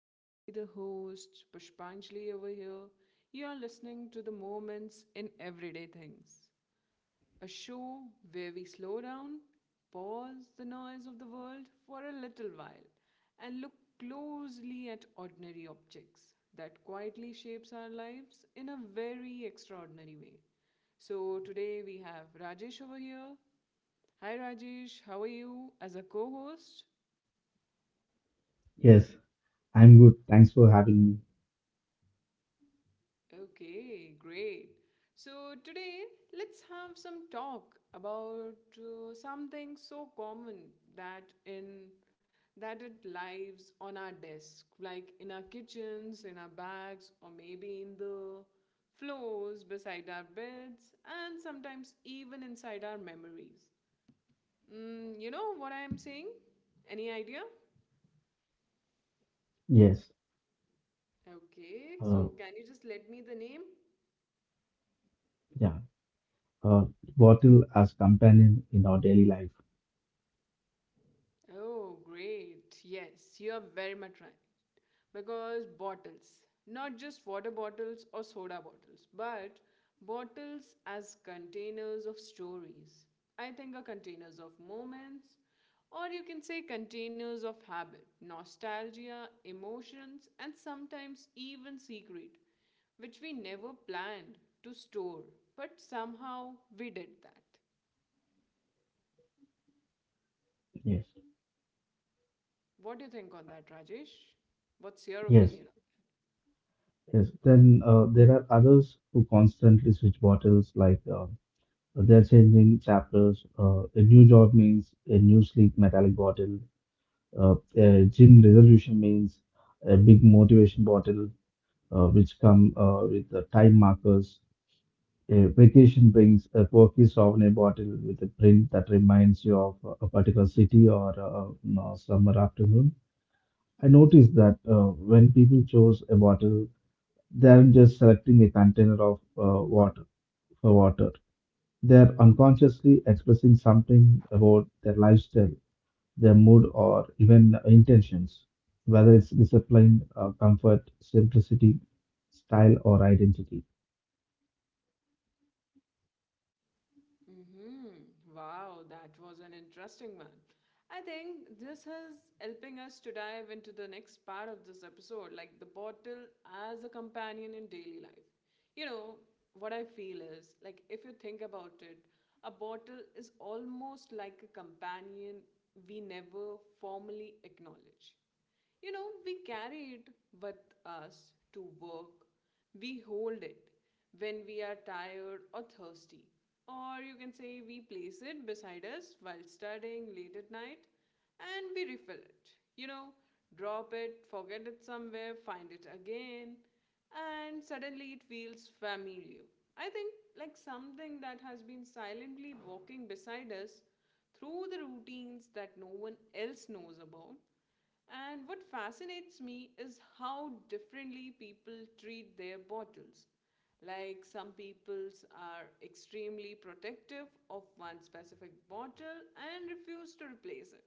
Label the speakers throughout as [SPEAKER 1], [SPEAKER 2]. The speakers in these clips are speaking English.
[SPEAKER 1] I will be the host, Pushpanjali over here. You are listening to the Moments in Everyday Things, a show where we slow down, pause the noise of the world for a little while, and look closely at ordinary objects that quietly shapes our lives in a very extraordinary way. So, today we have Rajesh over here. Hi Rajesh, how are you as a co host?
[SPEAKER 2] Yes, I'm good. Thanks for having me.
[SPEAKER 1] Okay, great. So today, let's have some talk about something so common that in that it lives on our desk, like in our kitchens, in our bags, or maybe in the floors beside our beds, and sometimes even inside our memories. You know what I am saying? Any idea?
[SPEAKER 2] Yes,
[SPEAKER 1] Okay,
[SPEAKER 2] uh,
[SPEAKER 1] so can you just let me the name?
[SPEAKER 2] yeah, uh, bottle as companion in our daily life.
[SPEAKER 1] Oh, great. Yes, you are very much right. Because bottles, not just water bottles or soda bottles, but bottles as containers of stories, I think are containers of moments, or you can say containers of habit, nostalgia, emotions, and sometimes even secret, which we never planned to store, but somehow we did that.
[SPEAKER 2] Yes,
[SPEAKER 1] What do you think on that, Rajesh? What's your
[SPEAKER 2] yes,
[SPEAKER 1] opinion?
[SPEAKER 2] yes. Then there are others who constantly switch bottles, like they're changing chapters. A new job means a new sleek metallic bottle. A gym resolution means a big motivation bottle, which come with the time markers. A vacation brings a quirky souvenir bottle with a print that reminds you of a particular city or a summer afternoon. I noticed that when people choose a bottle, they aren't just selecting a container of water for water. They are unconsciously expressing something about their lifestyle, their mood, or even intentions, whether it's discipline, comfort, simplicity, style, or identity.
[SPEAKER 1] Mm-hmm. Wow, that was an interesting one. I think this is helping us to dive into the next part of this episode, like the bottle as a companion in daily life. You know, what I feel is like if you think about it, a bottle is almost like a companion we never formally acknowledge. You know, we carry it with us to work, we hold it, when we are tired or thirsty. Or you can say we place it beside us while studying late at night and we refill it. You know, drop it, forget it somewhere, find it again, and suddenly it feels familiar. I think like something that has been silently walking beside us through the routines that no one else knows about and what fascinates me is how differently people treat their bottles. Like some peoples are extremely protective of one specific bottle and refuse to replace it.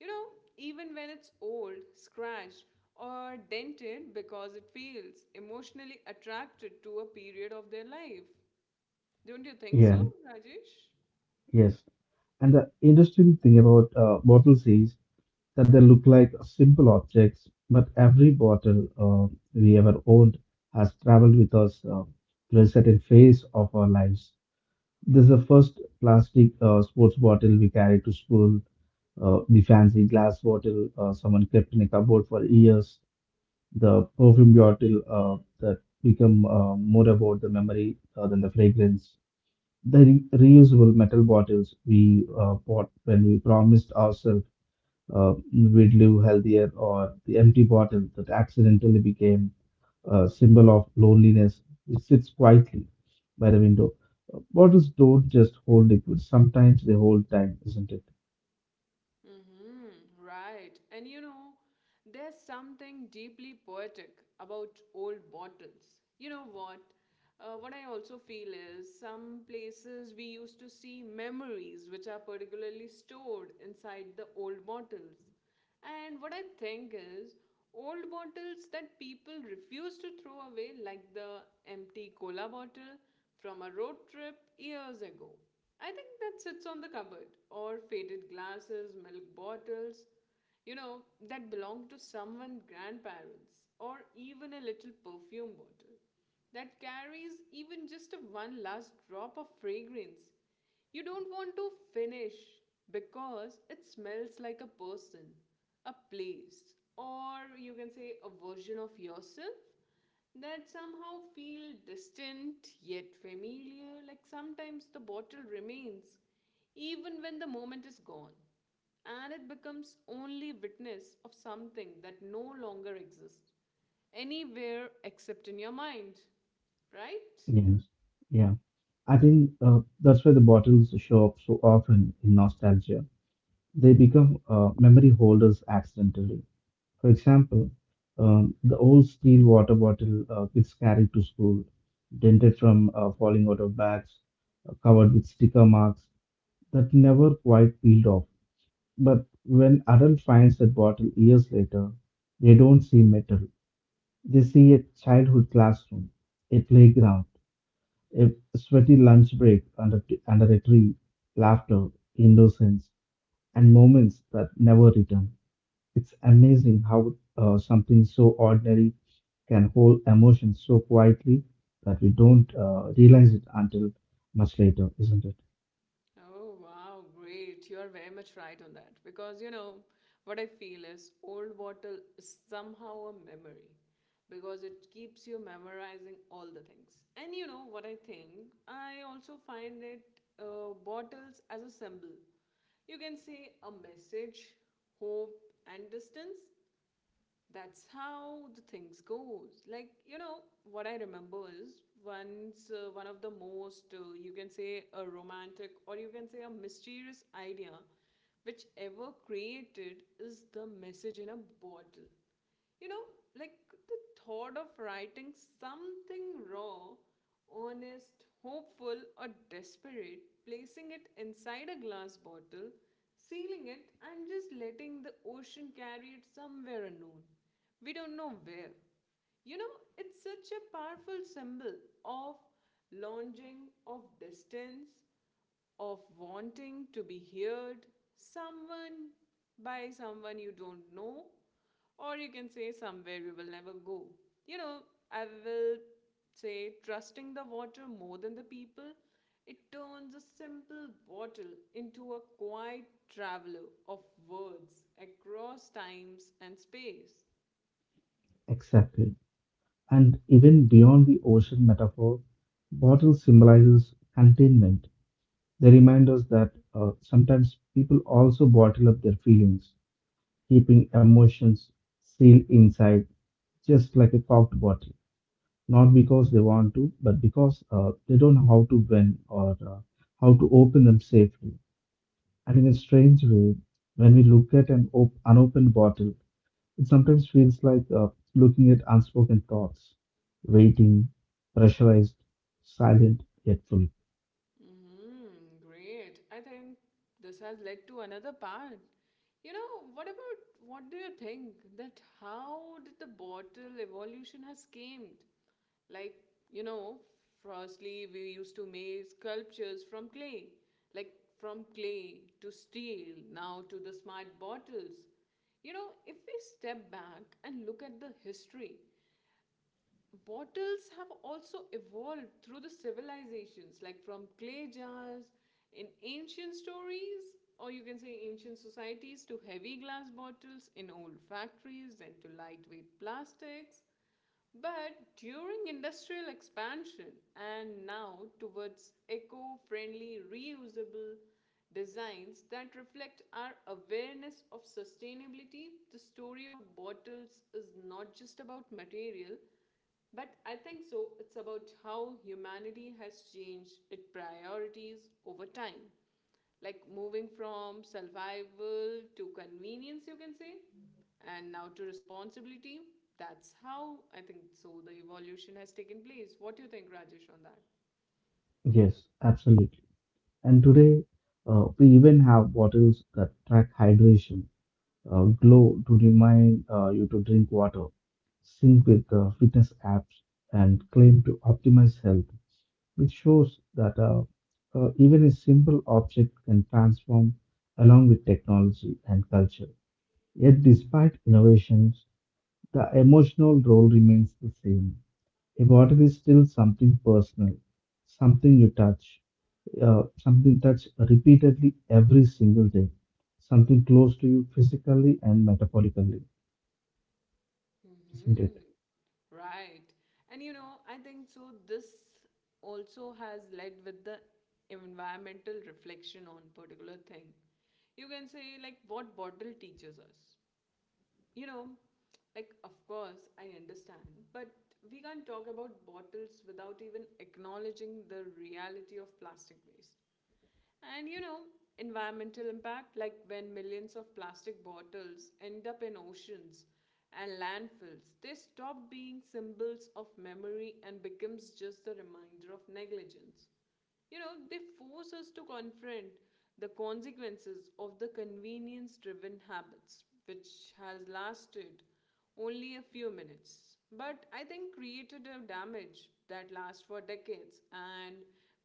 [SPEAKER 1] You know, even when it's old, scratched, or dented because it feels emotionally attracted to a period of their life. Don't you think
[SPEAKER 2] Yeah,
[SPEAKER 1] so, Rajesh?
[SPEAKER 2] yes. And the interesting thing about bottles is that they look like simple objects, but every bottle we ever owned has traveled with us through a certain phase of our lives. This is the first plastic sports bottle we carried to school, the fancy glass bottle someone kept in a cupboard for years, the perfume bottle that become more about the memory than the fragrance, the reusable metal bottles we bought when we promised ourselves uh, we'd live healthier, or the empty bottle that accidentally became a symbol of loneliness, which sits quietly by the window. Bottles don't just hold liquids, sometimes they hold time, isn't it?
[SPEAKER 1] Mm-hmm, right. And you know, there's something deeply poetic about old bottles. You know what? What I also feel is some places we used to see memories which are particularly stored inside the old bottles. And what I think is old bottles that people refuse to throw away, like the empty cola bottle from a road trip years ago. I think that sits on the cupboard, or faded glasses, milk bottles, you know, that belong to someone's grandparents, or even a little perfume bottle that carries even just a one last drop of fragrance. You don't want to finish because it smells like a person, a place, or you can say a version of yourself that somehow feel distant yet familiar like sometimes the bottle remains even when the moment is gone and it becomes only witness of something that no longer exists anywhere except in your mind, right?
[SPEAKER 2] Yes. Yeah. I think that's why the bottles show up so often in nostalgia. They become memory holders accidentally. For example, the old steel water bottle kids carried to school, dented from falling out of bags, covered with sticker marks that never quite peeled off. But when adult finds that bottle years later, they don't see metal. They see a childhood classroom, a playground, a sweaty lunch break under a tree, laughter, innocence, and moments that never return. It's amazing how something so ordinary can hold emotions so quietly that we don't realize it until much later, isn't it?
[SPEAKER 1] Oh, wow, great. You are very much right on that. Because, you know, what I feel is old bottle is somehow a memory because it keeps you memorizing all the things. And, you know, what I think, I also find it bottles as a symbol. You can say a message, hope, and distance that's how the things goes like you know what I remember is once one of the most you can say a romantic or you can say a mysterious idea which ever created is the message in a bottle, you know, like the thought of writing something raw, honest, hopeful, or desperate, placing it inside a glass bottle, sealing it, and just letting the ocean carry it somewhere unknown. We don't know where. You know, it's such a powerful symbol of longing, of distance, of wanting to be heard someone by someone you don't know or you can say somewhere you will never go, you know, I will say trusting the water more than the people, it turns a simple bottle into a quiet traveler of words across times and space.
[SPEAKER 2] Exactly. And even beyond the ocean metaphor, bottle symbolizes containment. They remind us that sometimes people also bottle up their feelings, keeping emotions sealed inside, just like a corked bottle. Not because they want to, but because they don't know how to win or how to open them safely. And in a strange way, when we look at an unopened bottle, it sometimes feels like looking at unspoken thoughts, waiting, pressurized, silent, yet full.
[SPEAKER 1] Mm, great. I think this has led to another part. You know, what about what do you think that how did the bottle evolution has came? Like, you know, firstly we used to make sculptures from clay, like from clay to steel, now to the smart bottles. You know, if we step back and look at the history, bottles have also evolved through the civilizations, like from clay jars in ancient stories, or you can say ancient societies, to heavy glass bottles in old factories, then to lightweight plastics. But during industrial expansion and now towards eco friendly, reusable designs that reflect our awareness of sustainability, the story of bottles is not just about material, but I think so, it's about how humanity has changed its priorities over time. Like moving from survival to convenience, you can say, and now to responsibility. That's how I think so the evolution has taken place. What do you think, Rajesh, on that?
[SPEAKER 2] Yes, absolutely. And today, we even have bottles that track hydration, glow to remind you to drink water, sync with fitness apps, and claim to optimize health, which shows that even a simple object can transform along with technology and culture. Yet, despite innovations, the emotional role remains the same. A bottle is still something personal, something you touch, something touch repeatedly every single day, something close to you physically and metaphorically. Isn't it?
[SPEAKER 1] Hmm. Right. And you know, I think so. This also has led with the environmental reflection on particular thing. You can say like what bottle teaches us, you know, like, of course, I understand, but we can't talk about bottles without even acknowledging the reality of plastic waste. And you know, environmental impact, like when millions of plastic bottles end up in oceans and landfills, they stop being symbols of memory and becomes just a reminder of negligence. You know, they force us to confront the consequences of the convenience driven habits, which has lasted only a few minutes, but I think created a damage that lasts for decades. And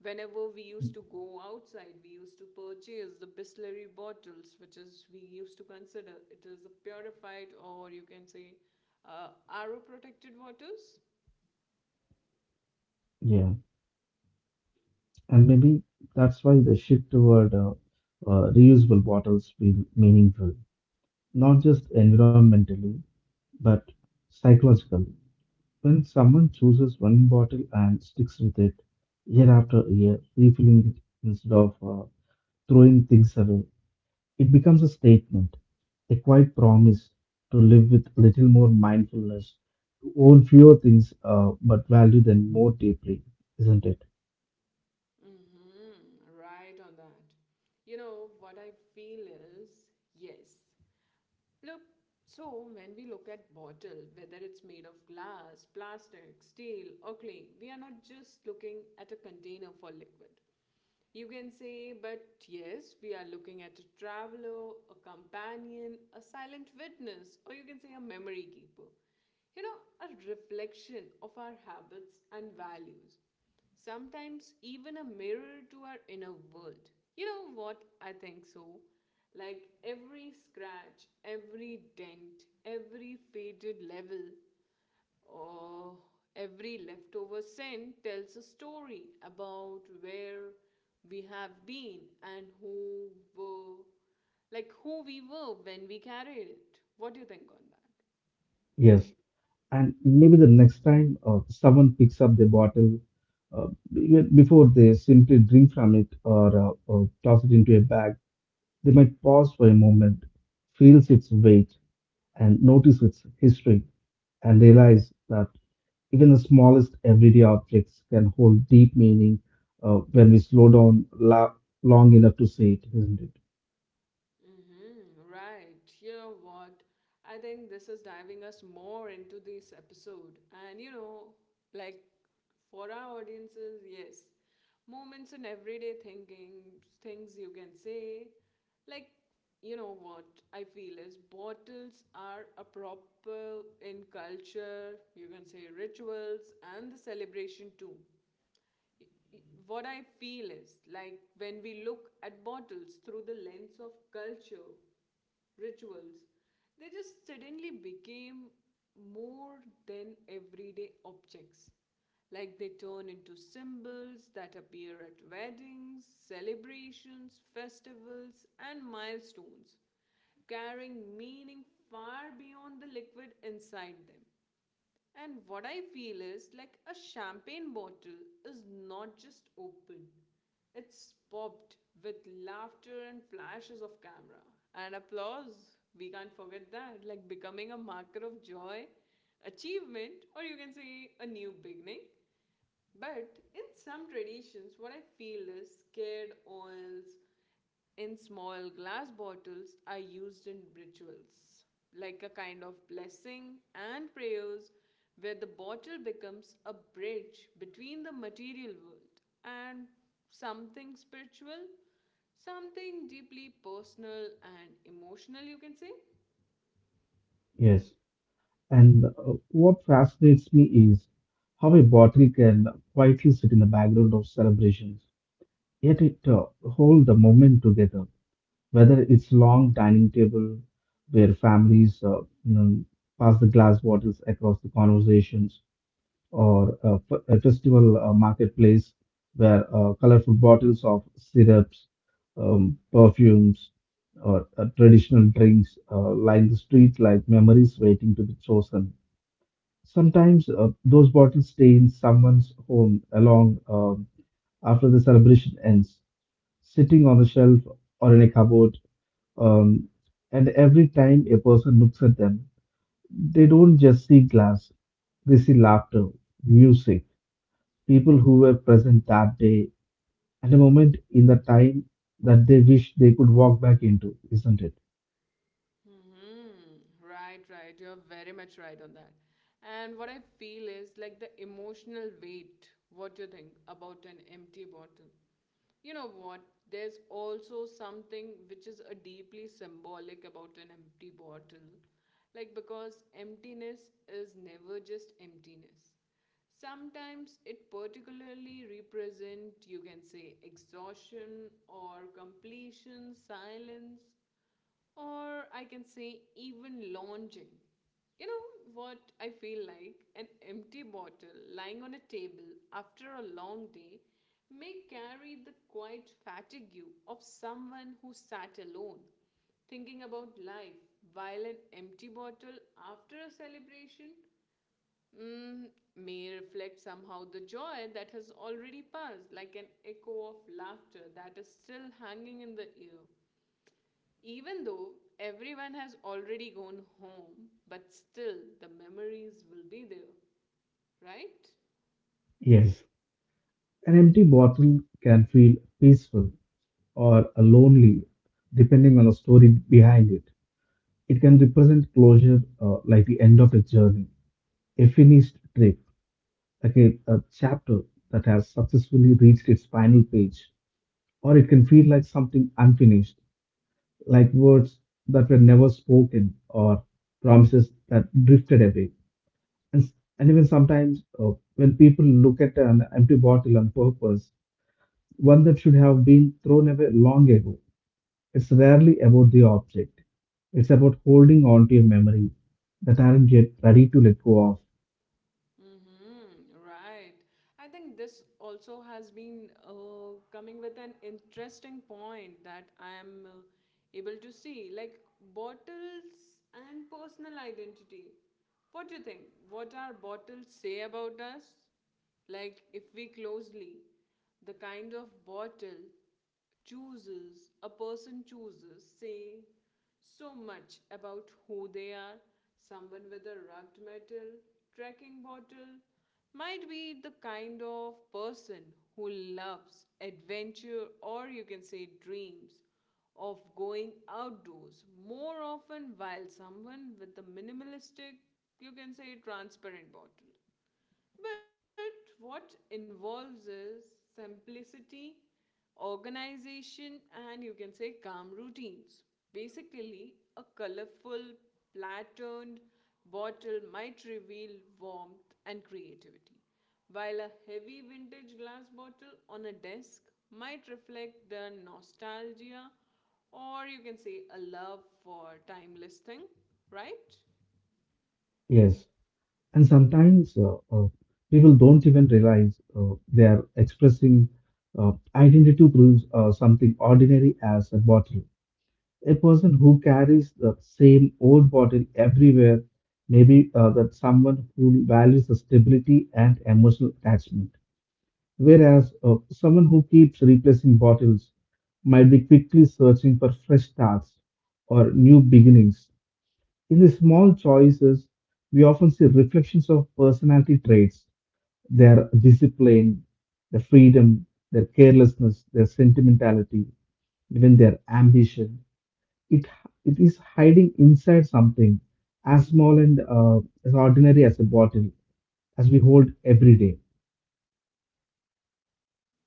[SPEAKER 1] whenever we used to go outside, we used to purchase the Bisleri bottles, which is we used to consider it is a purified or you can say arrow protected waters.
[SPEAKER 2] Yeah, and maybe that's why the shift toward reusable bottles feel meaningful, not just environmentally, but psychologically. When someone chooses one bottle and sticks with it year after year, refilling it instead of throwing things away, it becomes a statement, a quiet promise to live with little more mindfulness, to own fewer things but value them more deeply, isn't it?
[SPEAKER 1] Mm-hmm, right on that. You know, what I feel is yes. Look, so when we look at bottle, whether it's made of glass, plastic, steel, or clay, we are not just looking at a container for liquid. You can say, but yes, we are looking at a traveler, a companion, a silent witness, or you can say a memory keeper. You know, a reflection of our habits and values. Sometimes even a mirror to our inner world. You know what? I think so. Like every scratch, every dent, every faded level. Oh, every leftover scent tells a story about where we have been and who were, like who we were when we carried it. What do you think on that?
[SPEAKER 2] Yes. And maybe the next time someone picks up the bottle, before they simply drink from it or toss it into a bag, they might pause for a moment, feels its weight, and notice its history, and realize that even the smallest everyday objects can hold deep meaning when we slow down long enough to see it, isn't it?
[SPEAKER 1] Mm-hmm, right. You know what? I think this is diving us more into this episode. And you know, like for our audiences, yes, moments in everyday thinking, things you can say, like you know what I feel is bottles are a proper in culture, you can say rituals and the celebration too. What I feel is like when we look at bottles through the lens of culture, rituals, they just suddenly became more than everyday objects. Like they turn into symbols that appear at weddings, celebrations, festivals, and milestones, carrying meaning far beyond the liquid inside them. And what I feel is like a champagne bottle is not just open, it's popped with laughter and flashes of camera and applause. We can't forget that. Like becoming a marker of joy, achievement, or you can say a new beginning. But in some traditions, what I feel is scared oils in small glass bottles are used in rituals, like a kind of blessing and prayers, where the bottle becomes a bridge between the material world and something spiritual, something deeply personal and emotional, you can say.
[SPEAKER 2] Yes. And what fascinates me is how a bottle can quietly sit in the background of celebrations, yet it hold the moment together. Whether it's long dining table where families pass the glass bottles across the conversations, or a festival marketplace where colorful bottles of syrups, perfumes, or traditional drinks line the street like memories waiting to be chosen. Sometimes those bottles stay in someone's home along after the celebration ends, sitting on the shelf or in a cupboard. Um, and every time a person looks at them, they don't just see glass, they see laughter, music, people who were present that day, and a moment in the time that they wish they could walk back into, isn't it?
[SPEAKER 1] Hmm. Right, right. You're very much right on that. And what I feel is like the emotional weight, what you think about an empty bottle. You know what? There's also something which is a deeply symbolic about an empty bottle. Like, because emptiness is never just emptiness. Sometimes it particularly represent, you can say, exhaustion or completion, silence or I can say even lounging. You know what I feel like? An empty bottle lying on a table after a long day may carry the quiet fatigue of someone who sat alone, thinking about life, while an empty bottle after a celebration mm, may reflect somehow the joy that has already passed, like an echo of laughter that is still hanging in the air. Even though everyone has already gone home, but still the memories will be there, right?
[SPEAKER 2] Yes. An empty bottle can feel peaceful, or a lonely, depending on the story behind it. It can represent closure, like the end of a journey, a finished trip, like a chapter that has successfully reached its final page. Or it can feel like something unfinished, like words that were never spoken or promises that drifted away. And, s- and even sometimes, when people look at an empty bottle on purpose, one that should have been thrown away long ago, it's rarely about the object. It's about holding on to your memories that aren't yet ready to let go of.
[SPEAKER 1] Mm-hmm, right. I think this also has been coming with an interesting point that I am able to see, like bottles and personal identity. What do you think? What our bottles say about us? Like, if we closely, the kind of bottle chooses, a person chooses, say, so much about who they are. Someone with a rugged metal trekking bottle might be the kind of person who loves adventure or you can say dreams of going outdoors more often, while someone with a minimalistic, you can say transparent bottle, but what involves is simplicity, organization, and you can say calm routines. Basically, a colorful, patterned bottle might reveal warmth and creativity, while a heavy vintage glass bottle on a desk might reflect the nostalgia or you can say a love for timeless thing, right?
[SPEAKER 2] Yes. And sometimes people don't even realize they are expressing identity through something ordinary as a bottle. A person who carries the same old bottle everywhere, maybe that someone who values the stability and emotional attachment. Whereas someone who keeps replacing bottles might be quickly searching for fresh starts or new beginnings. In the small choices, we often see reflections of personality traits, their discipline, their freedom, their carelessness, their sentimentality, even their ambition. It, it is hiding inside something as small and as ordinary as a bottle as we hold every day.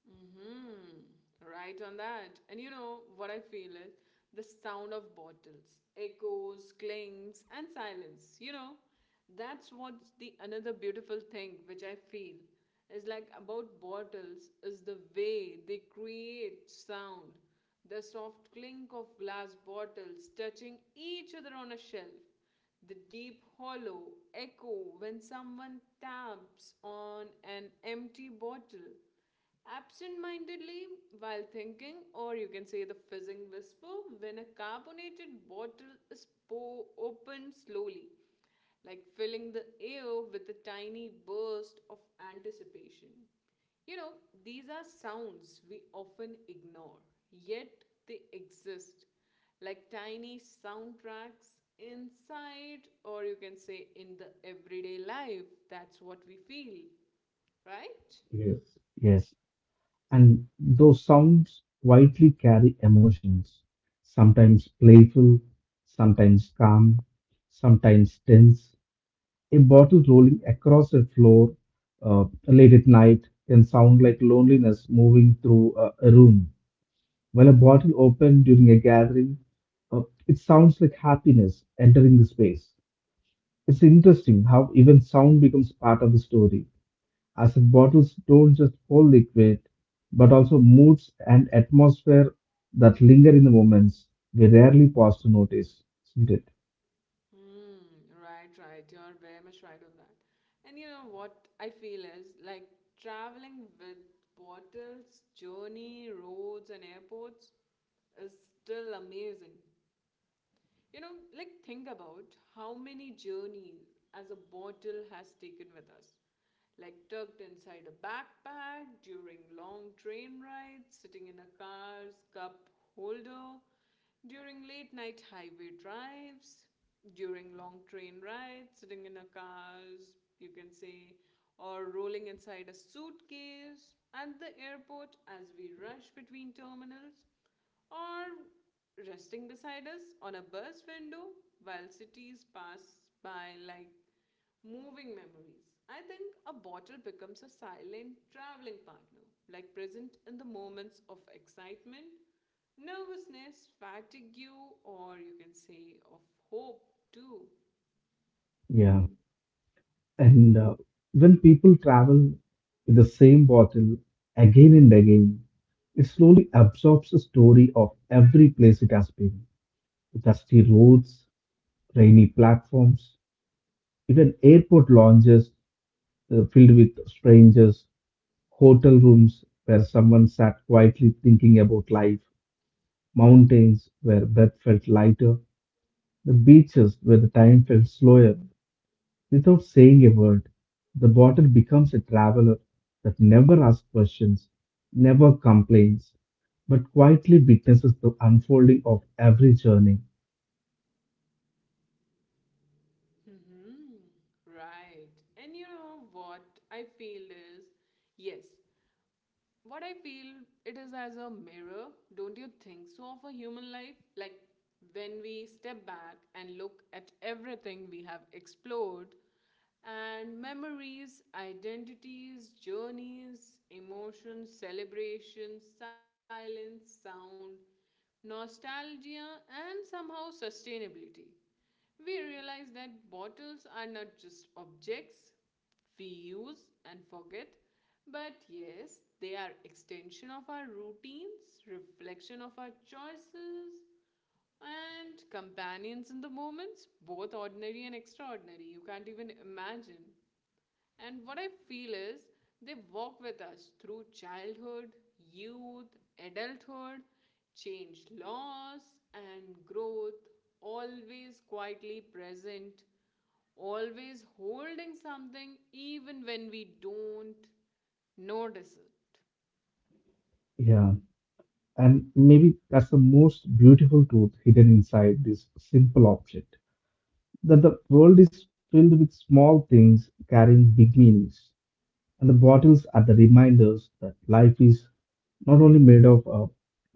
[SPEAKER 1] Mm-hmm. Right on that. And you know what I feel is the sound of bottles, echoes, clings, and silence. You know, that's what's the another beautiful thing which I feel is like about bottles is the way they create sound. The soft clink of glass bottles touching each other on a shelf. The deep hollow echo when someone taps on an empty bottle absent mindedly, while thinking, or you can say the fizzing whisper, when a carbonated bottle is opened slowly, like filling the air with a tiny burst of anticipation. You know, these are sounds we often ignore, yet they exist, like tiny soundtracks inside, or you can say in the everyday life. That's what we feel, right?
[SPEAKER 2] Yes. Yes. And those sounds quietly carry emotions, sometimes playful, sometimes calm, sometimes tense. A bottle rolling across a floor late at night can sound like loneliness moving through a room, while a bottle opened during a gathering, it sounds like happiness entering the space. It's interesting how even sound becomes part of the story, as if bottles don't just hold liquid, but also moods and atmosphere that linger in the moments we rarely pause to notice, isn't it?
[SPEAKER 1] Hmm, right, right. You're very much right on that. And you know what I feel is like traveling with bottles, journey, roads, and airports is still amazing. You know, like think about how many journeys as a bottle has taken with us. Like tucked inside a backpack, during long train rides, sitting in a car's cup holder, during late night highway drives, during long train rides, sitting in a car's, you can say, or rolling inside a suitcase, at the airport as we rush between terminals, or resting beside us on a bus window while cities pass by like moving memories. I think a bottle becomes a silent traveling partner, like present in the moments of excitement, nervousness, fatigue, or you can say of hope too.
[SPEAKER 2] Yeah. And when people travel with the same bottle again and again, it slowly absorbs the story of every place it has been. Dusty roads, rainy platforms, even airport lounges filled with strangers, hotel rooms where someone sat quietly thinking about life, mountains where breath felt lighter, the beaches where the time felt slower. Without saying a word, the bottle becomes a traveler that never asks questions, never complains, but quietly witnesses the unfolding of every journey.
[SPEAKER 1] Hmm. Right. And you know what I feel is yes, what I feel it is as a mirror, don't you think so, of a human life? Like when we step back and look at everything we have explored and memories, identities, journeys, emotions, celebrations, silence, sound, nostalgia, and somehow sustainability, we realize that bottles are not just objects we use and forget, but yes, they are extension of our routines, reflection of our choices, and companions in the moments, both ordinary and extraordinary. You can't even imagine. And what I feel is they walk with us through childhood, youth, adulthood, change, loss, and growth, always quietly present, always holding something even when we don't notice it.
[SPEAKER 2] Yeah, and maybe that's the most beautiful truth hidden inside this simple object. That the world is filled with small things carrying big meanings, and the bottles are the reminders that life is not only made of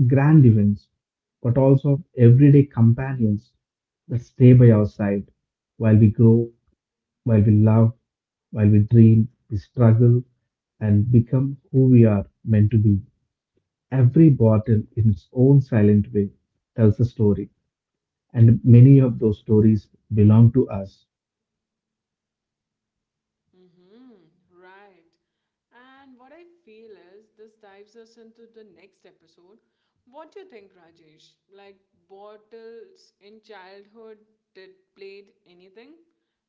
[SPEAKER 2] grand events, but also of everyday companions that stay by our side while we grow, while we love, while we dream, we struggle, and become who we are meant to be. Every bottle, in its own silent way, tells a story, and many of those stories belong to us.
[SPEAKER 1] Mm-hmm, right. And what I feel is this dives us into the next episode. What do you think, Rajesh? Like bottles in childhood did played anything?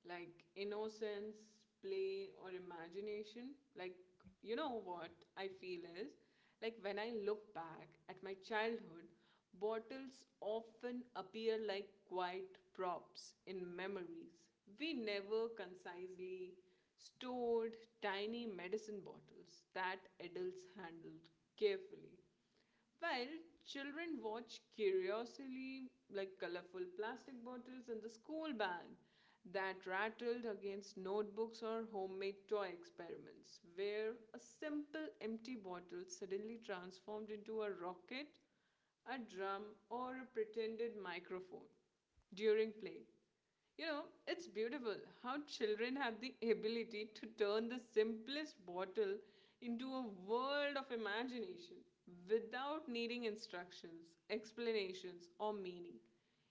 [SPEAKER 1] Like innocence, play, or imagination? Like you know what I feel is like when I look back at my childhood, bottles often appear like quiet props in memories. We never concisely stored tiny medicine bottles that adults handled carefully. While children watch curiously, like colorful plastic bottles in the school bag that rattled against notebooks or homemade toy experiments, where a simple empty bottle suddenly transformed into a rocket, a drum, or a pretended microphone during play. You know, it's beautiful how children have the ability to turn the simplest bottle into a world of imagination without needing instructions, explanations, or meaning.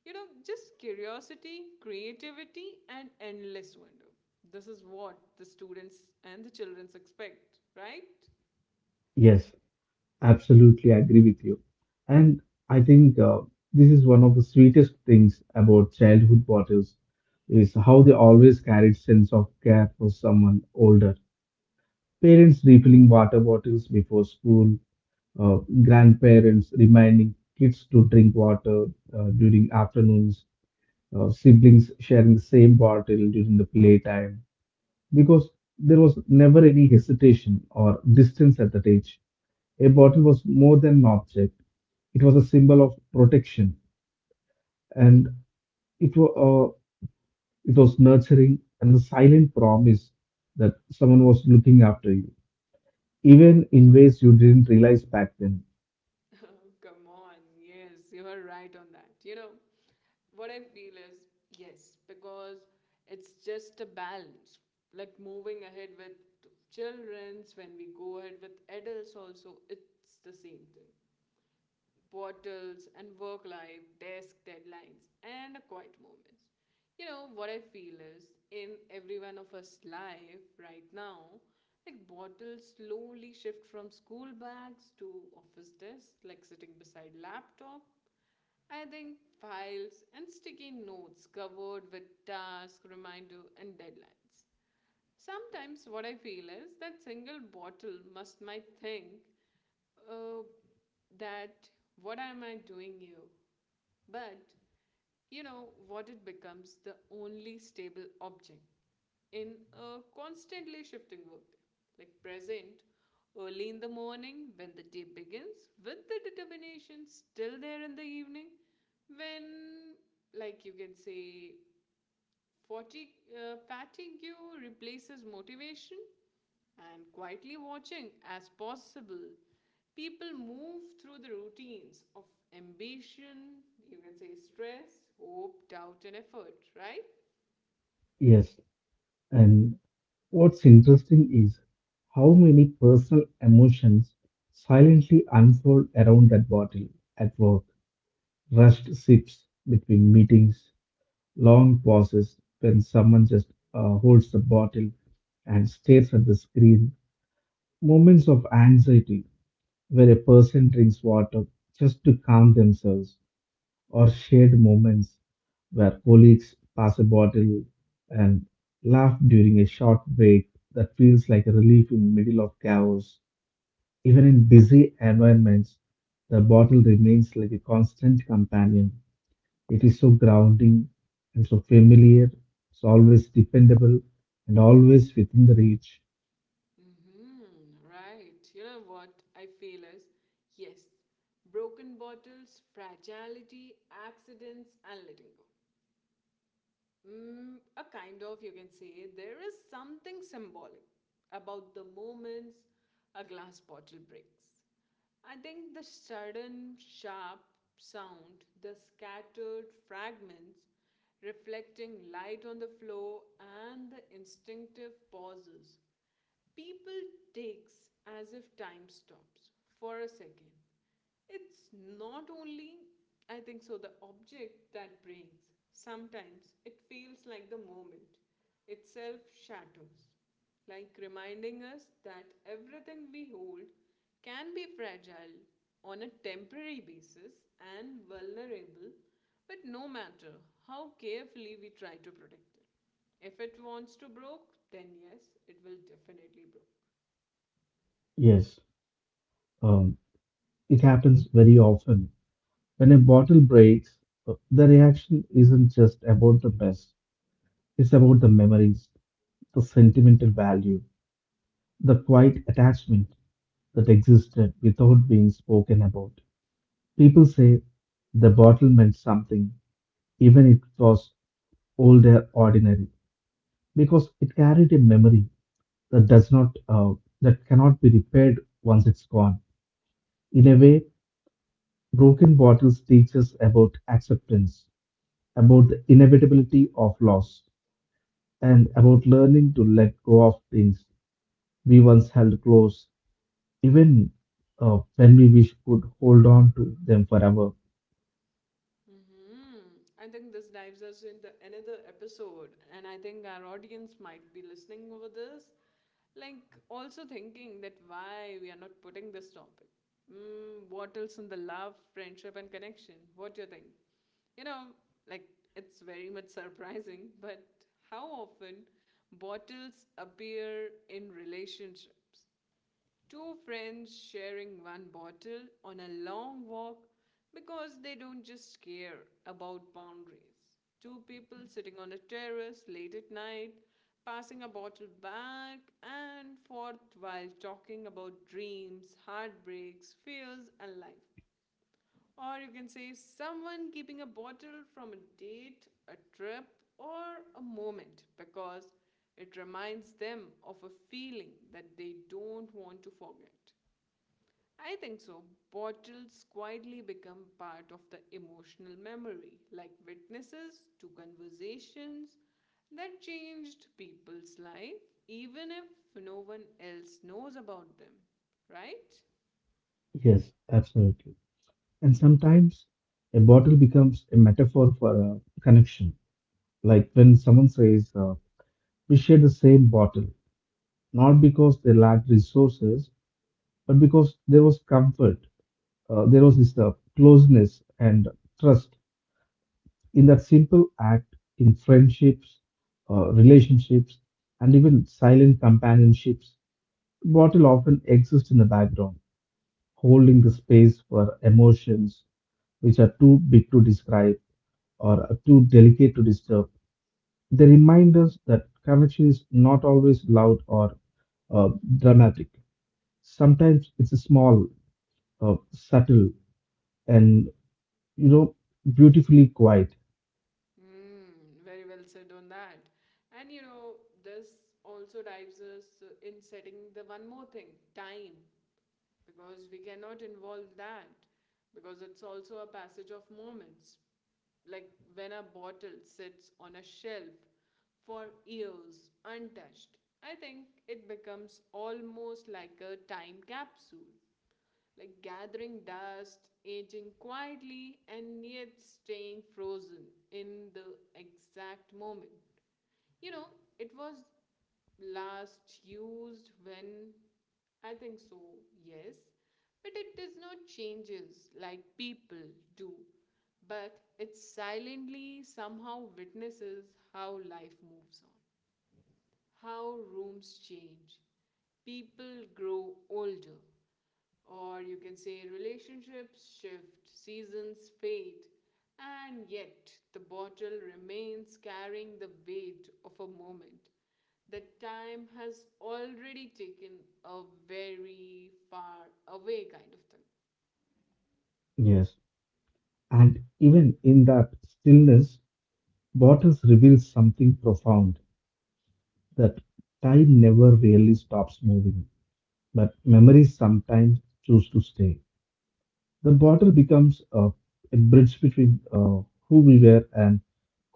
[SPEAKER 1] You know, just curiosity, creativity, and endless wonder. This is what the students and the children expect, right?
[SPEAKER 2] Yes, absolutely agree with you. And I think this is one of the sweetest things about childhood bottles is how they always carried sense of care for someone older. Parents refilling water bottles before school, uh, grandparents reminding kids to drink water during afternoons, siblings sharing the same bottle during the playtime because there was never any hesitation or distance at that age. A bottle was more than an object. It was a symbol of protection, and it was nurturing and the silent promise that someone was looking after you, even in ways you didn't realize back then.
[SPEAKER 1] Oh, come on. Yes, you are right on that. You know, what I feel is yes, because it's just a balance. Like moving ahead with children's, when we go ahead with adults, also, it's the same thing, bottles and work life, desk deadlines, and quiet moments. You know, what I feel is in every one of us life right now, like bottles slowly shift from school bags to office desks, like sitting beside laptop. I think files and sticky notes covered with tasks, reminder, and deadlines. Sometimes what I feel is that single bottle must might think uh, that what am I doing you? But you know what, it becomes the only stable object in a constantly shifting workday. Like present early in the morning when the day begins with the determination still there in the evening when, like you can say, fatigue replaces motivation and quietly watching as possible. People move through the routines of ambition, you can say stress, hope, doubt, and effort, right?
[SPEAKER 2] Yes, and what's interesting is how many personal emotions silently unfold around that bottle at work, rushed sips between meetings, long pauses when someone just holds the bottle and stares at the screen, moments of anxiety where a person drinks water just to calm themselves, or shared moments where colleagues pass a bottle and laugh during a short break that feels like a relief in middle of chaos. Even in busy environments, the bottle remains like a constant companion, it is so grounding and so familiar. It's always dependable and always within the reach.
[SPEAKER 1] Mm-hmm, right. You know what I feel is yes, broken bottles, fragility, accidents, and letting go. Mm, a kind of, you can say, there is something symbolic about the moments a glass bottle breaks. I think the sudden, sharp sound, the scattered fragments reflecting light on the floor, and the instinctive pauses. People takes as if time stops for a second. It's not only, I think so, the object that breaks. Sometimes it feels like the moment itself shatters, like reminding us that everything we hold can be fragile on a temporary basis and vulnerable, but no matter how carefully we try to protect it. If it wants to broke, then yes, it will definitely broke.
[SPEAKER 2] Yes, um, it happens very often. When a bottle breaks, the reaction isn't just about the mess, it's about the memories, the sentimental value, the quiet attachment that existed without being spoken about. People say the bottle meant something, even if it was old or ordinary, because it carried a memory that does not that cannot be repaired once it's gone. In a way, broken bottles teach us about acceptance, about the inevitability of loss, and about learning to let go of things we once held close, even when we wish could hold on to them forever.
[SPEAKER 1] Hmm. I think this dives us into another episode, and I think our audience might be listening over this, like also thinking that why we are not putting this topic. Mm, what else in the love, friendship, and connection? What do you think? You know, like it's very much surprising, but how often bottles appear in relationships? Two friends sharing one bottle on a long walk because they don't just care about boundaries. Two people sitting on a terrace late at night, passing a bottle back and forth while talking about dreams, heartbreaks, fears, and life. Or you can say someone keeping a bottle from a date, a trip, or a moment because it reminds them of a feeling that they don't want to forget. I think so. Bottles quietly become part of the emotional memory, like witnesses to conversations that changed people's life, even if no one else knows about them, right?
[SPEAKER 2] Yes, absolutely. And sometimes a bottle becomes a metaphor for a connection. Like when someone says, we share the same bottle, not because they lacked resources, but because there was comfort, there was this closeness and trust in that simple act in friendships, relationships, and even silent companionships. Bottle often exists in the background, holding the space for emotions which are too big to describe or are too delicate to disturb. They remind us that connection is not always loud or uh, dramatic. Sometimes it's small, subtle, and you know beautifully quiet.
[SPEAKER 1] Mm, very well said on that. And you know, this also dives us in setting the one more thing time, because we cannot involve that, because it's also a passage of moments. Like when a bottle sits on a shelf for years untouched, I think it becomes almost like a time capsule, like gathering dust, aging quietly, and yet staying frozen in the exact moment. You know, it was last used when, I think so, yes. But it does not changes like people do. But it silently somehow witnesses how life moves on, how rooms change. People grow older, or you can say relationships shift, seasons fade, and yet the bottle remains carrying the weight of a moment that time has already taken a very far away kind of thing.
[SPEAKER 2] Yes. And even in that stillness, waters reveals something profound, that time never really stops moving but memories sometimes choose to stay. The bottle becomes a bridge between, who we were and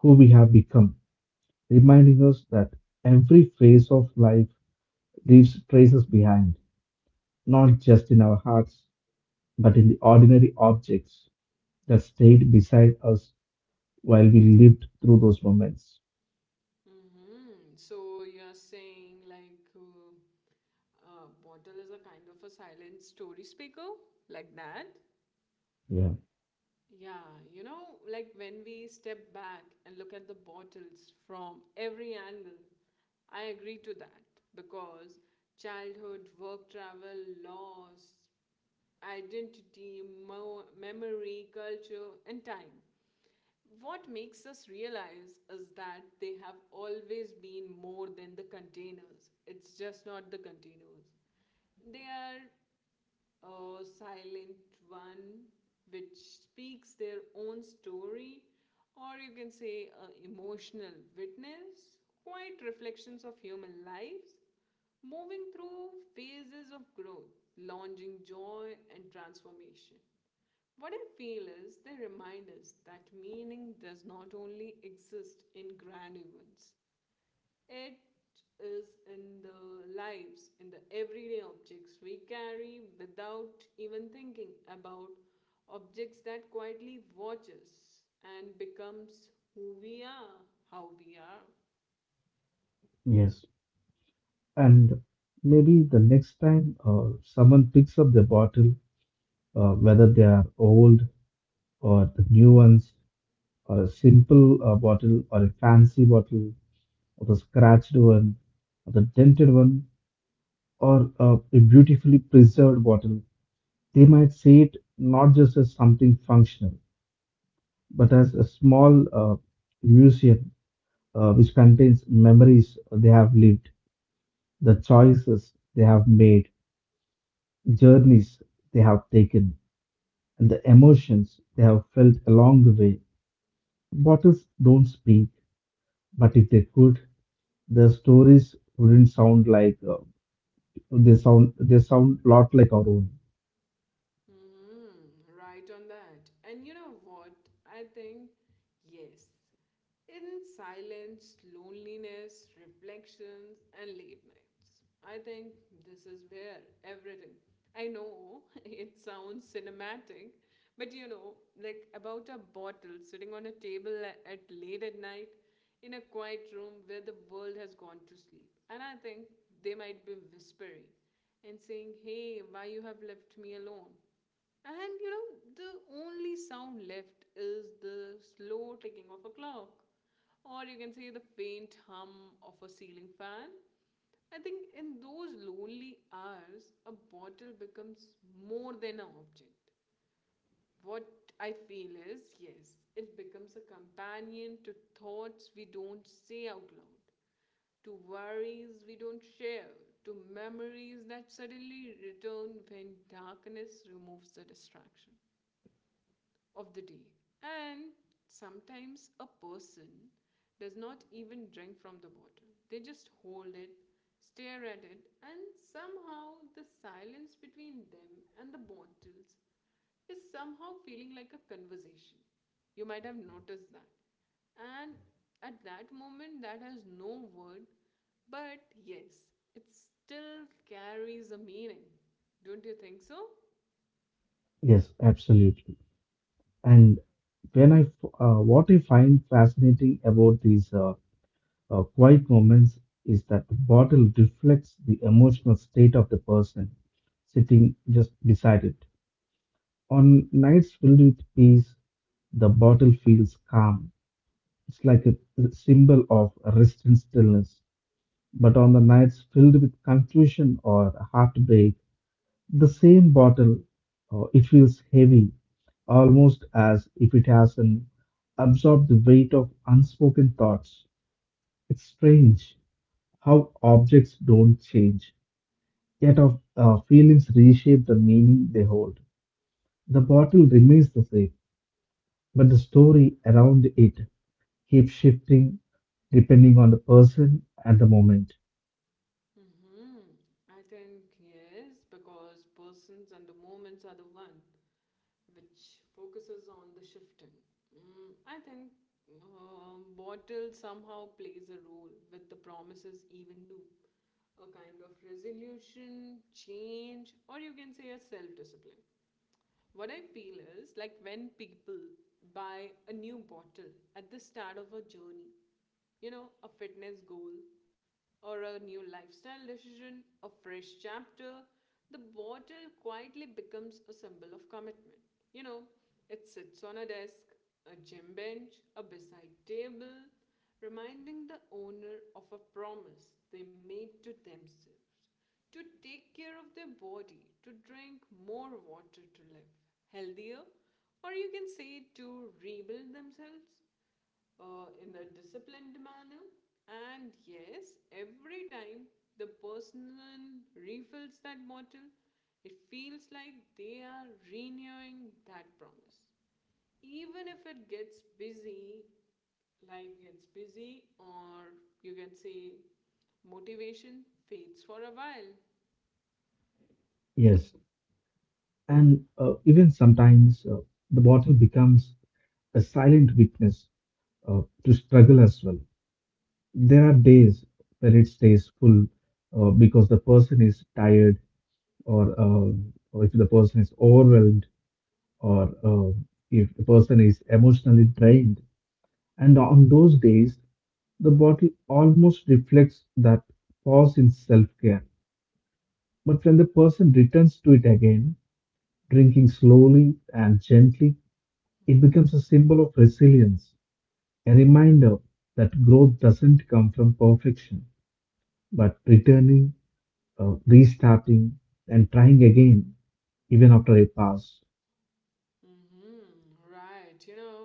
[SPEAKER 2] who we have become, reminding us that every phase of life leaves traces behind, not just in our hearts but in the ordinary objects that stayed beside us while we lived through those moments.
[SPEAKER 1] Hmm. So you're saying like a bottle is a kind of a silent story speaker, like that?
[SPEAKER 2] Yeah.
[SPEAKER 1] Yeah, you know, like when we step back and look at the bottles from every angle, I agree to that, because childhood, work travel, loss, identity, memory, culture, and time. What makes us realize is that they have always been more than the containers. It's just not the containers. They are a silent one which speaks their own story, or you can say a emotional witness, quiet reflections of human lives, moving through phases of growth, launching joy and transformation. What I feel is they remind us that meaning does not only exist in grand events, it is in the lives, in the everyday objects we carry without even thinking about, objects that quietly watch us and becomes who we are, how we are.
[SPEAKER 2] Yes. And maybe the next time someone picks up the bottle, whether they are old or the new ones, or a simple bottle, or a fancy bottle, or the scratched one, or the dented one, or a beautifully preserved bottle, they might see it not just as something functional, but as a small, museum, which contains memories they have lived, the choices they have made, journeys they have taken, and the emotions they have felt along the way. Bottles don't speak, but if they could, their stories wouldn't sound like, they sound, they sound a lot like our own.
[SPEAKER 1] Hmm, right on that. And you know what? I think, yes. In silence, loneliness, reflections, and late nights. I think this is where everything. I know it sounds cinematic, but you know, like about a bottle sitting on a table at late at night in a quiet room where the world has gone to sleep. And I think they might be whispering and saying, "Hey, why you have left me alone?" And you know, the only sound left is the slow ticking of a clock, or you can say the faint hum of a ceiling fan. I think in those lonely hours, a bottle becomes more than an object. What I feel is yes, it becomes a companion to thoughts we don't say out loud, to worries we don't share, to memories that suddenly return when darkness removes the distraction of the day. And sometimes a person does not even drink from the bottle, they just hold it, stare at it, and somehow the silence between them and the bottles is somehow feeling like a conversation. You might have noticed that. And at that moment, that has no word, but yes, it still carries a meaning. Don't you think so?
[SPEAKER 2] Yes, absolutely. And what I find fascinating about these, quiet moments is that the bottle reflects the emotional state of the person sitting just beside it. On nights filled with peace, the bottle feels calm. It's like a symbol of rest and stillness. But on the nights filled with confusion or heartbreak, the same bottle, it feels heavy, almost as if it hasn't absorbed the weight of unspoken thoughts. It's strange how objects don't change, yet our feelings reshape the meaning they hold. The bottle remains the same, but the story around it keeps shifting depending on the person at the moment.
[SPEAKER 1] Mm-hmm. I think yes, because persons and the moments are the one which focuses on the shifting. Mm, I think bottle somehow plays a role with the promises, even to a kind of resolution, change, or you can say a self discipline. What I feel is like when people buy a new bottle at the start of a journey, you know, a fitness goal or a new lifestyle decision, a fresh chapter, the bottle quietly becomes a symbol of commitment. You know, it sits on a desk, a gym bench, a bedside table, reminding the owner of a promise they made to themselves to take care of their body, to drink more water, to live healthier, or you can say to rebuild themselves in a disciplined manner. And yes, every time the person refills that bottle, it feels like they are renewing that promise. Even if it gets busy, life gets busy, or you can say motivation fades for a while.
[SPEAKER 2] Yes, and even sometimes the bottle becomes a silent witness, to struggle as well. There are days where it stays full, because the person is tired, or, uh, or if the person is overwhelmed, or if the person is emotionally drained. And on those days, the bottle almost reflects that pause in self care. But when the person returns to it again, drinking slowly and gently, it
[SPEAKER 1] Mm-hmm.
[SPEAKER 2] becomes a symbol of resilience, a reminder that growth doesn't come from perfection, but returning, restarting, and trying again, even after a pause.
[SPEAKER 1] Mm-hmm. Right. You know,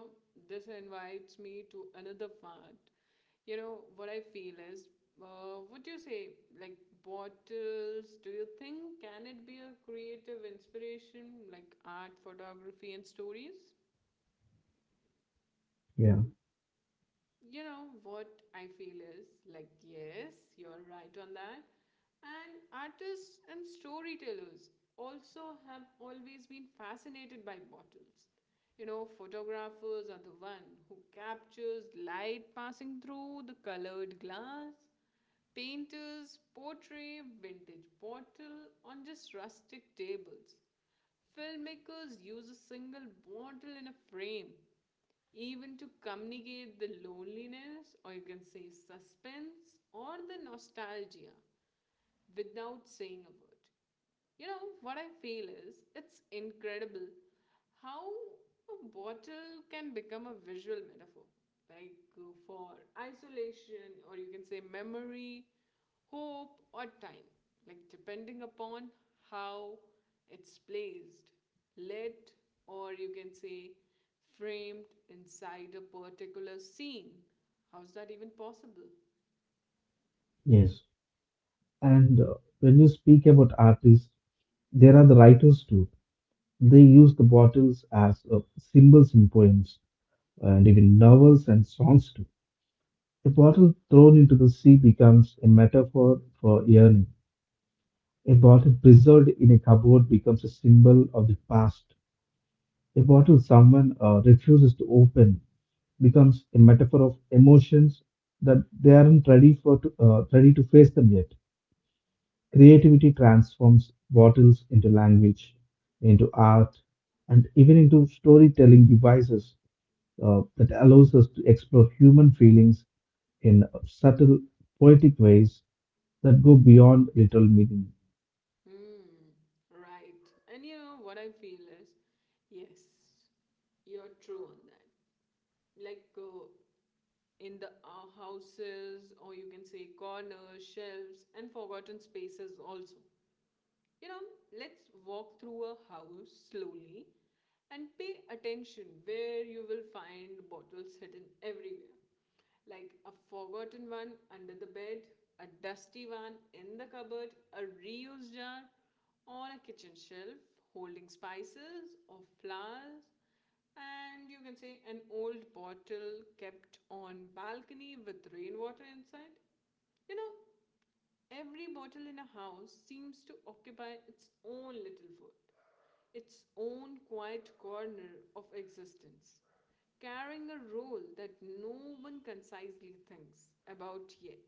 [SPEAKER 1] this invites me to another part. You know, what I feel is, would you say, like, bottles, do you think can it be a creative inspiration, like art, photography, and stories?
[SPEAKER 2] Yeah.
[SPEAKER 1] You know, what I feel is, like, yes, you're right on that. And artists and storytellers also have always been fascinated by bottles. You know, photographers are the one who captures light passing through the colored glass. Painters portray vintage bottle on just rustic tables. Filmmakers use a single bottle in a frame, even to communicate the loneliness, or you can say suspense, or the nostalgia without saying a word. You know, what I feel is it's incredible how a bottle can become a visual metaphor, like for isolation, or you can say memory, hope, or time, like depending upon how it's placed, lit, or you can say framed inside a particular scene. How's that even possible?
[SPEAKER 2] Yes. And when you speak about artists, there are the writers too. They use the bottles as symbols in poems and even novels and songs too. A bottle thrown into the sea becomes a metaphor for yearning. A bottle preserved in a cupboard becomes a symbol of the past. A bottle someone refuses to open becomes a metaphor of emotions that they aren't ready ready to face them yet. Creativity transforms bottles into language, into art, and even into storytelling devices, that allows us to explore human feelings in subtle, poetic ways that go beyond literal meaning.
[SPEAKER 1] Hmm, right. And you know what I feel is, yes, you're true on that. Like in the houses, or you can say corners, shelves, and forgotten spaces also. You know, let's walk through a house slowly and pay attention where you will find bottles hidden everywhere like a forgotten one under the bed, a dusty one in the cupboard, a reused jar on a kitchen shelf holding spices or flowers, and you can say an old bottle kept on balcony with rainwater inside. You know, every bottle in a house seems to occupy its own little world, its own quiet corner of existence, carrying a role that no one concisely thinks about yet.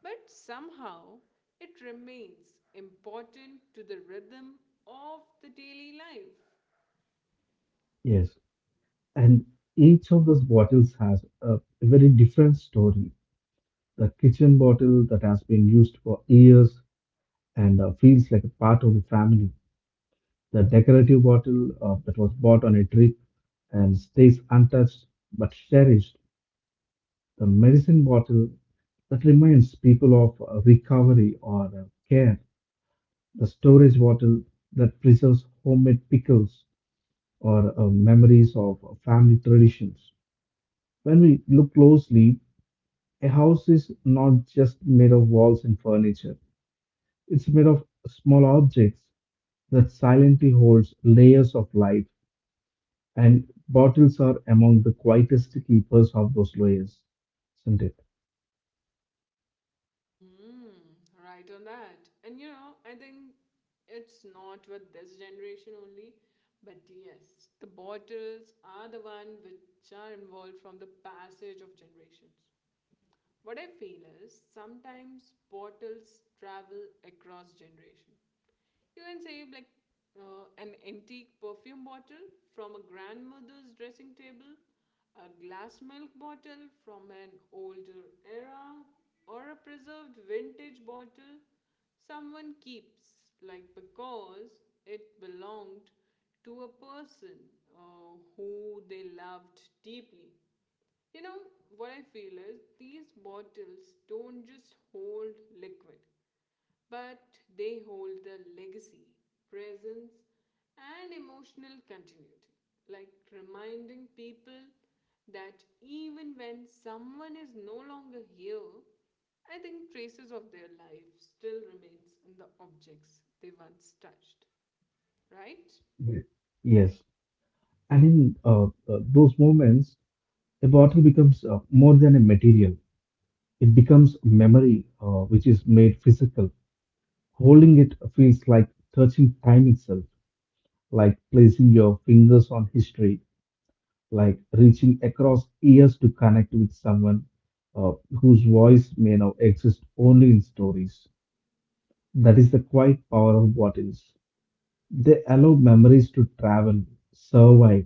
[SPEAKER 1] But somehow it remains important to the rhythm of the daily life.
[SPEAKER 2] Yes, and each of those bottles has a very different story. The kitchen bottle that has been used for years and feels like a part of the family. The decorative bottle that was bought on a trip and stays untouched but cherished. The medicine bottle that reminds people of recovery or care. The storage bottle that preserves homemade pickles or memories of family traditions. When we look closely, a house is not just made of walls and furniture. It's made of small objects that silently holds layers of life. And bottles are among the quietest keepers of those layers, isn't it?
[SPEAKER 1] Mm-hmm. Right on that. And you know, I think it's not with this generation only, but yes, the bottles are the one which are involved from the passage of generations. What I feel is sometimes portals travel across generation. You can save like an antique perfume bottle from a grandmother's dressing table, a glass milk bottle from an older era, or a preserved vintage bottle someone keeps, like because it belonged to a person who they loved deeply. You know, what I feel is these bottles don't just hold liquid, but they hold the legacy, presence, and emotional continuity. Like reminding people that even when someone is no longer here, I think traces of their life still remains in the objects they once touched, right?
[SPEAKER 2] Ye- Yes. And in, those moments, a bottle becomes, more than a material. It becomes memory, which is made physical. Holding it feels like touching time itself, like placing your fingers on history, like reaching across years to connect with someone, uh, whose voice may now exist only in stories. That is the quiet power of bottles. They allow memories to travel, survive,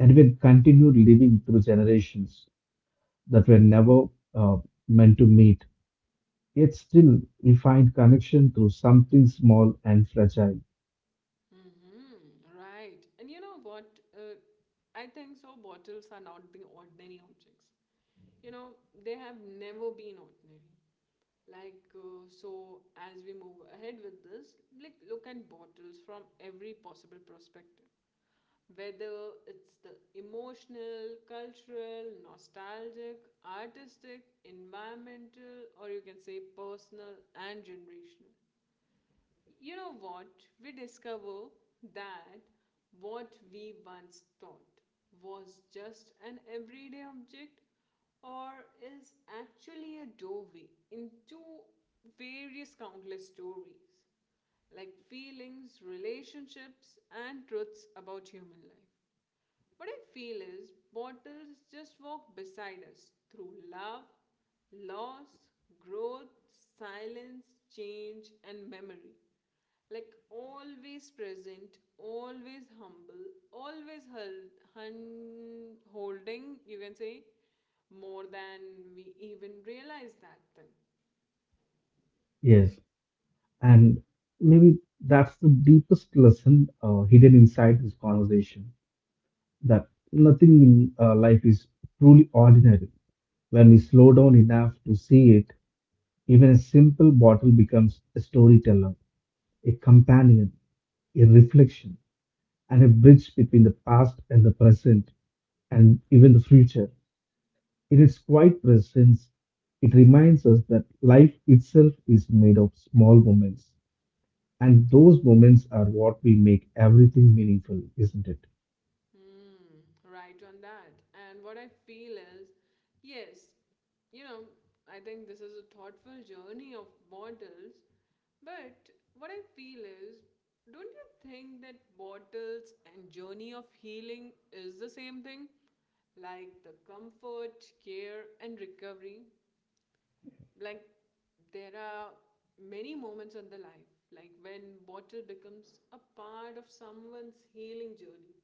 [SPEAKER 2] and will continue living through generations that were never, uh, meant to meet. Yet still, we find connection through something small and fragile.
[SPEAKER 1] Mm-hmm. Right. And you know what? Uh, I think so. Bottles are not the ordinary objects. You know, they have never been ordinary. Like, so as we move ahead with this, like, look at bottles from every possible perspective. Whether it's the emotional, cultural, nostalgic, artistic, environmental, or you can say personal and generational. You know what? We discover that what we once thought was just an everyday object or is actually a doorway into various countless stories like feelings, relationships, and truths about human life. What I feel is bottles just walk beside us through love, loss, growth, silence, change, and memory. Like always present, always humble, always held, holding, you can say, more than we even realize that thing.
[SPEAKER 2] Yes, and maybe that's the deepest lesson, hidden inside this conversation, that nothing in life is truly ordinary. When we slow down enough to see it, even a simple bottle becomes a storyteller, a companion, a reflection, and a bridge between the past and the present, and even the future. In its quiet presence, it reminds us that life itself is made of small moments, and those moments are what we make everything meaningful, isn't it?
[SPEAKER 1] Hmm, right on that. And what I feel is, yes, you know, I think this is a thoughtful journey of bottles. But what I feel is, don't you think that bottles and journey of healing is the same thing? Like the comfort, care, and recovery. Like there are many moments in the life, like when bottle becomes a part of someone's healing journey,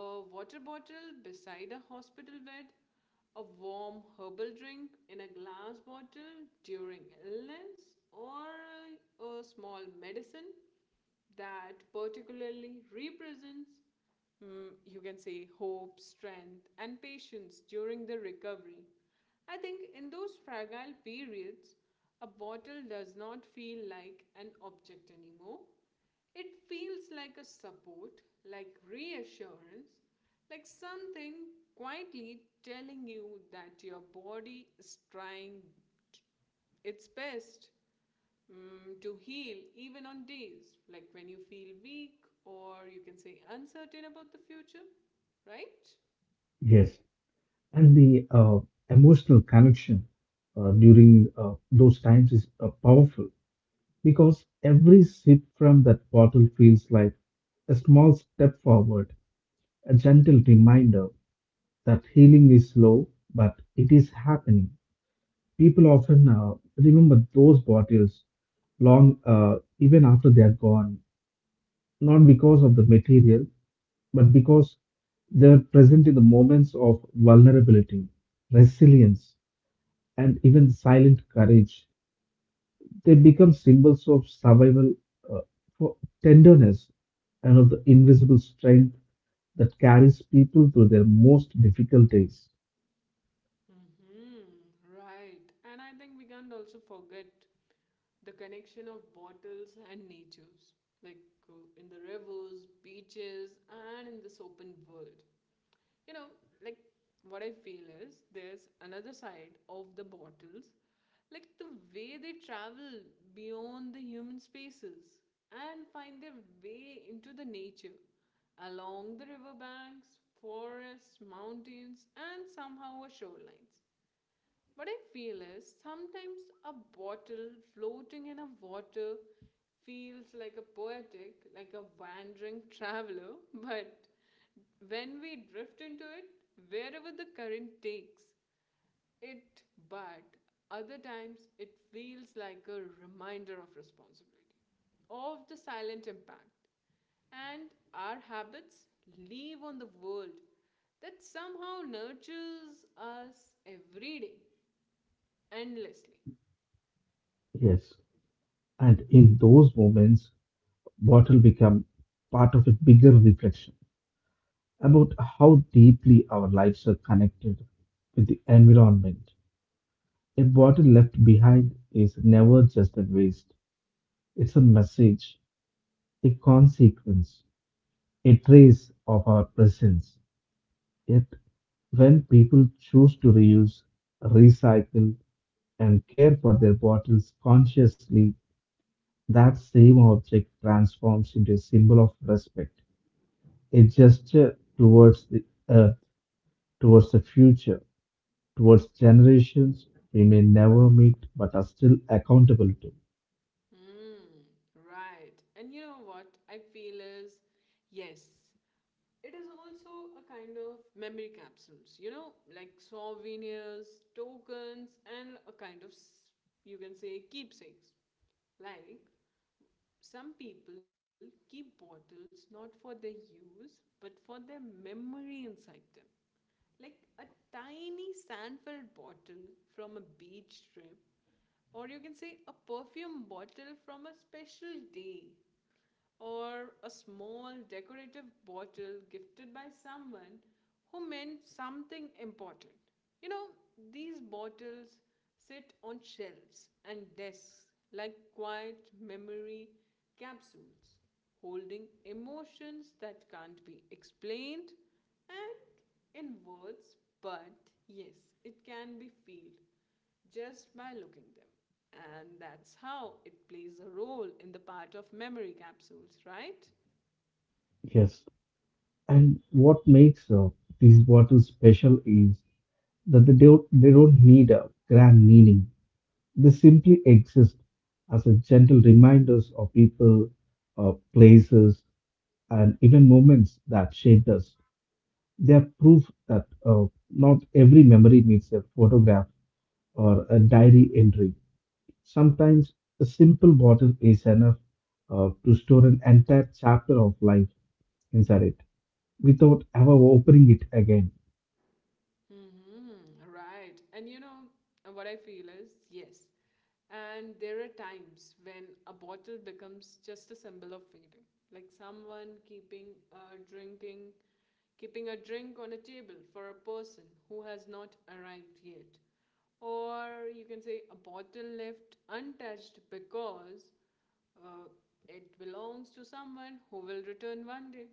[SPEAKER 1] a water bottle beside a hospital bed, a warm herbal drink in a glass bottle during illness, or a small medicine that particularly represents, mm, you can say, hope, strength, and patience during the recovery. I think in those fragile periods, a bottle does not feel like an object anymore. It feels like a support, like reassurance, like something quietly telling you that your body is trying t- its best mm, to heal, even on days like when you feel weak or you can say uncertain about the future, right?
[SPEAKER 2] Yes, and the emotional connection during those times is powerful, because every sip from that bottle feels like a small step forward, a gentle reminder that healing is slow, but it is happening. People often remember those bottles long, even after they are gone, not because of the material, but because they are present in the moments of vulnerability, resilience, and even silent courage. They become symbols of survival, uh, for tenderness, and of the invisible strength that carries people through their most difficult days.
[SPEAKER 1] Mm-hmm, right. And I think we can't also forget the connection of bottles and natures, like in the rivers, beaches, and in this open world. You know, like what I feel is there's another side of the bottles, like the way they travel beyond the human spaces and find their way into the nature along the riverbanks, forests, mountains, and somehow our shorelines. What I feel is sometimes a bottle floating in a water feels like a poetic, like a wandering traveler, but when we drift into it, wherever the current takes it, but other times it feels like a reminder of responsibility, of the silent impact, and our habits leave on the world that somehow nurtures us every day endlessly.
[SPEAKER 2] Yes. And in those moments, bottle become part of a bigger reflection about how deeply our lives are connected with the environment. A bottle left behind is never just a waste. It's a message, a consequence, a trace of our presence. Yet, when people choose to reuse, recycle, and care for their bottles consciously, that same object transforms into a symbol of respect, a gesture towards the earth, towards the future, towards generations we may never meet but are still accountable to.
[SPEAKER 1] Hmm, right. And you know what I feel is yes, it is also a kind of memory capsules, you know, like souvenirs, tokens, and a kind of, you can say, keepsakes. Like some people keep bottles not for their use but for their memory inside them. Like a tiny sand-filled bottle from a beach trip or you can say a perfume bottle from a special day or a small decorative bottle gifted by someone who meant something important. You know, these bottles sit on shelves and desks like quiet memory capsules holding emotions that can't be explained and in words, but yes, it can be felt just by looking them. And that's how it plays a role in the part of memory capsules, right?
[SPEAKER 2] Yes. And what makes, these bottles special is that they don't need a grand meaning. They simply exist as a gentle reminders of people, places, and even moments that shaped us. They are proof that, not every memory needs a photograph or a diary entry. Sometimes a simple bottle is enough, to store an entire chapter of life inside it without ever opening it again.
[SPEAKER 1] Mm-hmm, right. And you know what I feel is yes. And there are times when a bottle becomes just a symbol of fading, like someone keeping a drink on a table for a person who has not arrived yet, or you can say a bottle left untouched because uh, it belongs to someone who will return one day.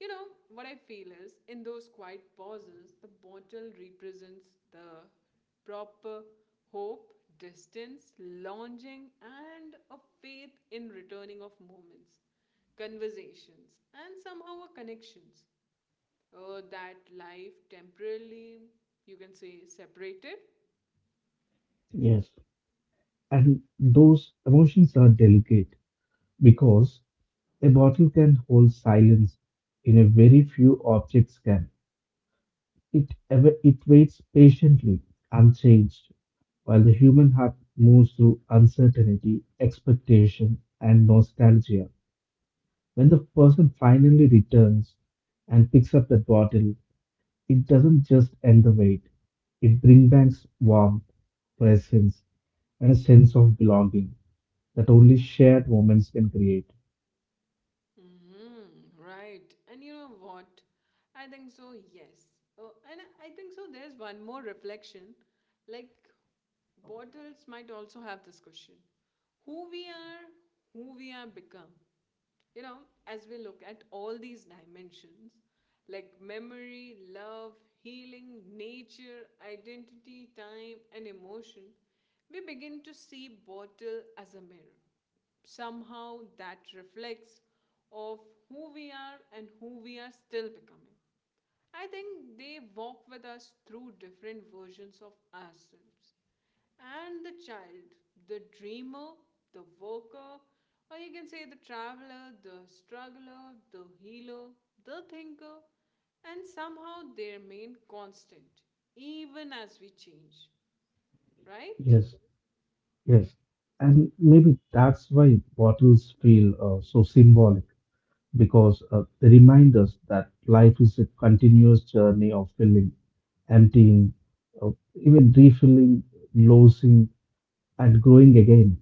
[SPEAKER 1] You know, what I feel is in those quiet pauses, the bottle represents the proper hope, distance, longing, and a faith in returning of moments, conversations, and somehow a connections. That life temporarily, you can say, separated.
[SPEAKER 2] Yes, and those emotions are delicate because a bottle can hold silence in a very few objects can. It waits patiently, unchanged, while the human heart moves through uncertainty, expectation, and nostalgia. When the person finally returns and picks up that bottle, it doesn't just end the wait, it brings back warmth, presence, and a sense of belonging that only shared moments can create.
[SPEAKER 1] Mm, right. And you know what? I think so, yes. Oh, and I think so, there's one more reflection. Like, bottles might also have this question who we are, who we are become. You know, as we look at all these dimensions like memory, love, healing, nature, identity, time, and emotion, we begin to see bottle as a mirror somehow that reflects of who we are and who we are still becoming. I think they walk with us through different versions of ourselves. And the child, the dreamer, the worker, or you can say the traveler, the struggler, the healer, the thinker, and somehow they remain constant, even as we change, right?
[SPEAKER 2] Yes, yes. And maybe that's why bottles feel, so symbolic, because they remind us that life is a continuous journey of filling, emptying, uh, even refilling, losing, and growing again.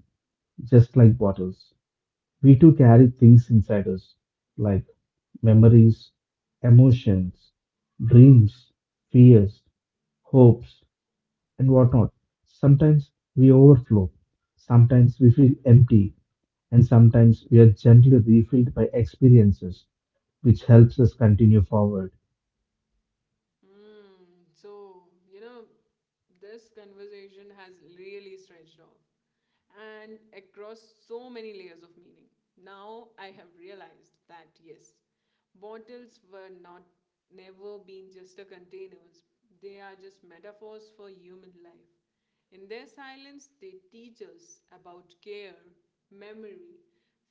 [SPEAKER 2] Just like bottles. We too carry things inside us, like memories, emotions, dreams, fears, hopes, and whatnot. Sometimes we overflow, sometimes we feel empty, and sometimes we are gently refilled by experiences, which helps us continue forward.
[SPEAKER 1] Hmm. So, you know, this conversation has really stretched off and across so many layers of meaning. Now I have realized that yes, bottles were not never been just a containers. They are just metaphors for human life. In their silence, they teach us about care, memory,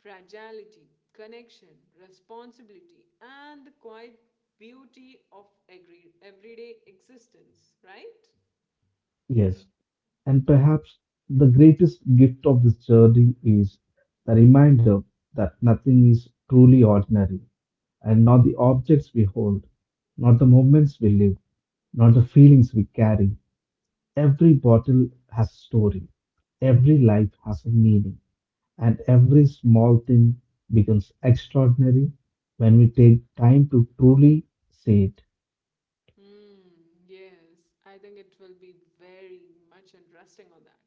[SPEAKER 1] fragility, connection, responsibility, and the quiet beauty of every everyday existence, right?
[SPEAKER 2] Yes, and perhaps the greatest gift of this journey is the reminder that nothing is truly ordinary, and not the objects we hold, not the moments we live, not the feelings we carry. Every bottle has a story, every life has a meaning, and every small thing becomes extraordinary when we take time to truly see it.
[SPEAKER 1] Hmm, yes, I think it will be very much interesting on that.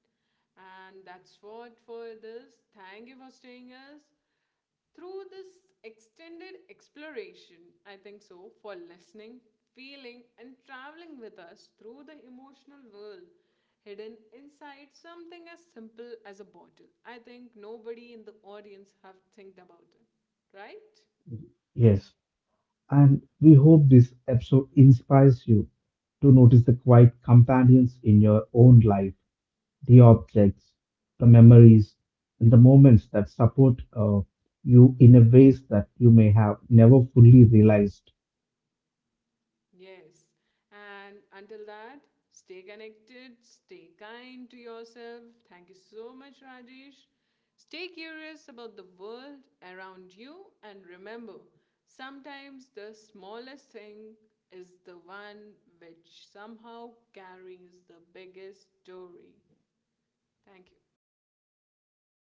[SPEAKER 1] And that's what for this. Thank you for staying us. Through this extended exploration, I think so, for listening, feeling, and traveling with us through the emotional world hidden inside something as simple as a bottle. I think nobody in the audience have think about it, right?
[SPEAKER 2] Yes, and we hope this episode inspires you to notice the quiet companions in your own life, the objects, the memories, and the moments that support, you in a ways that you may have never fully realized.
[SPEAKER 1] Yes. And until that, stay connected, stay kind to yourself. Thank you so much, Rajesh. Stay curious about the world around you and remember, sometimes the smallest thing is the one which somehow carries the biggest story. Thank you.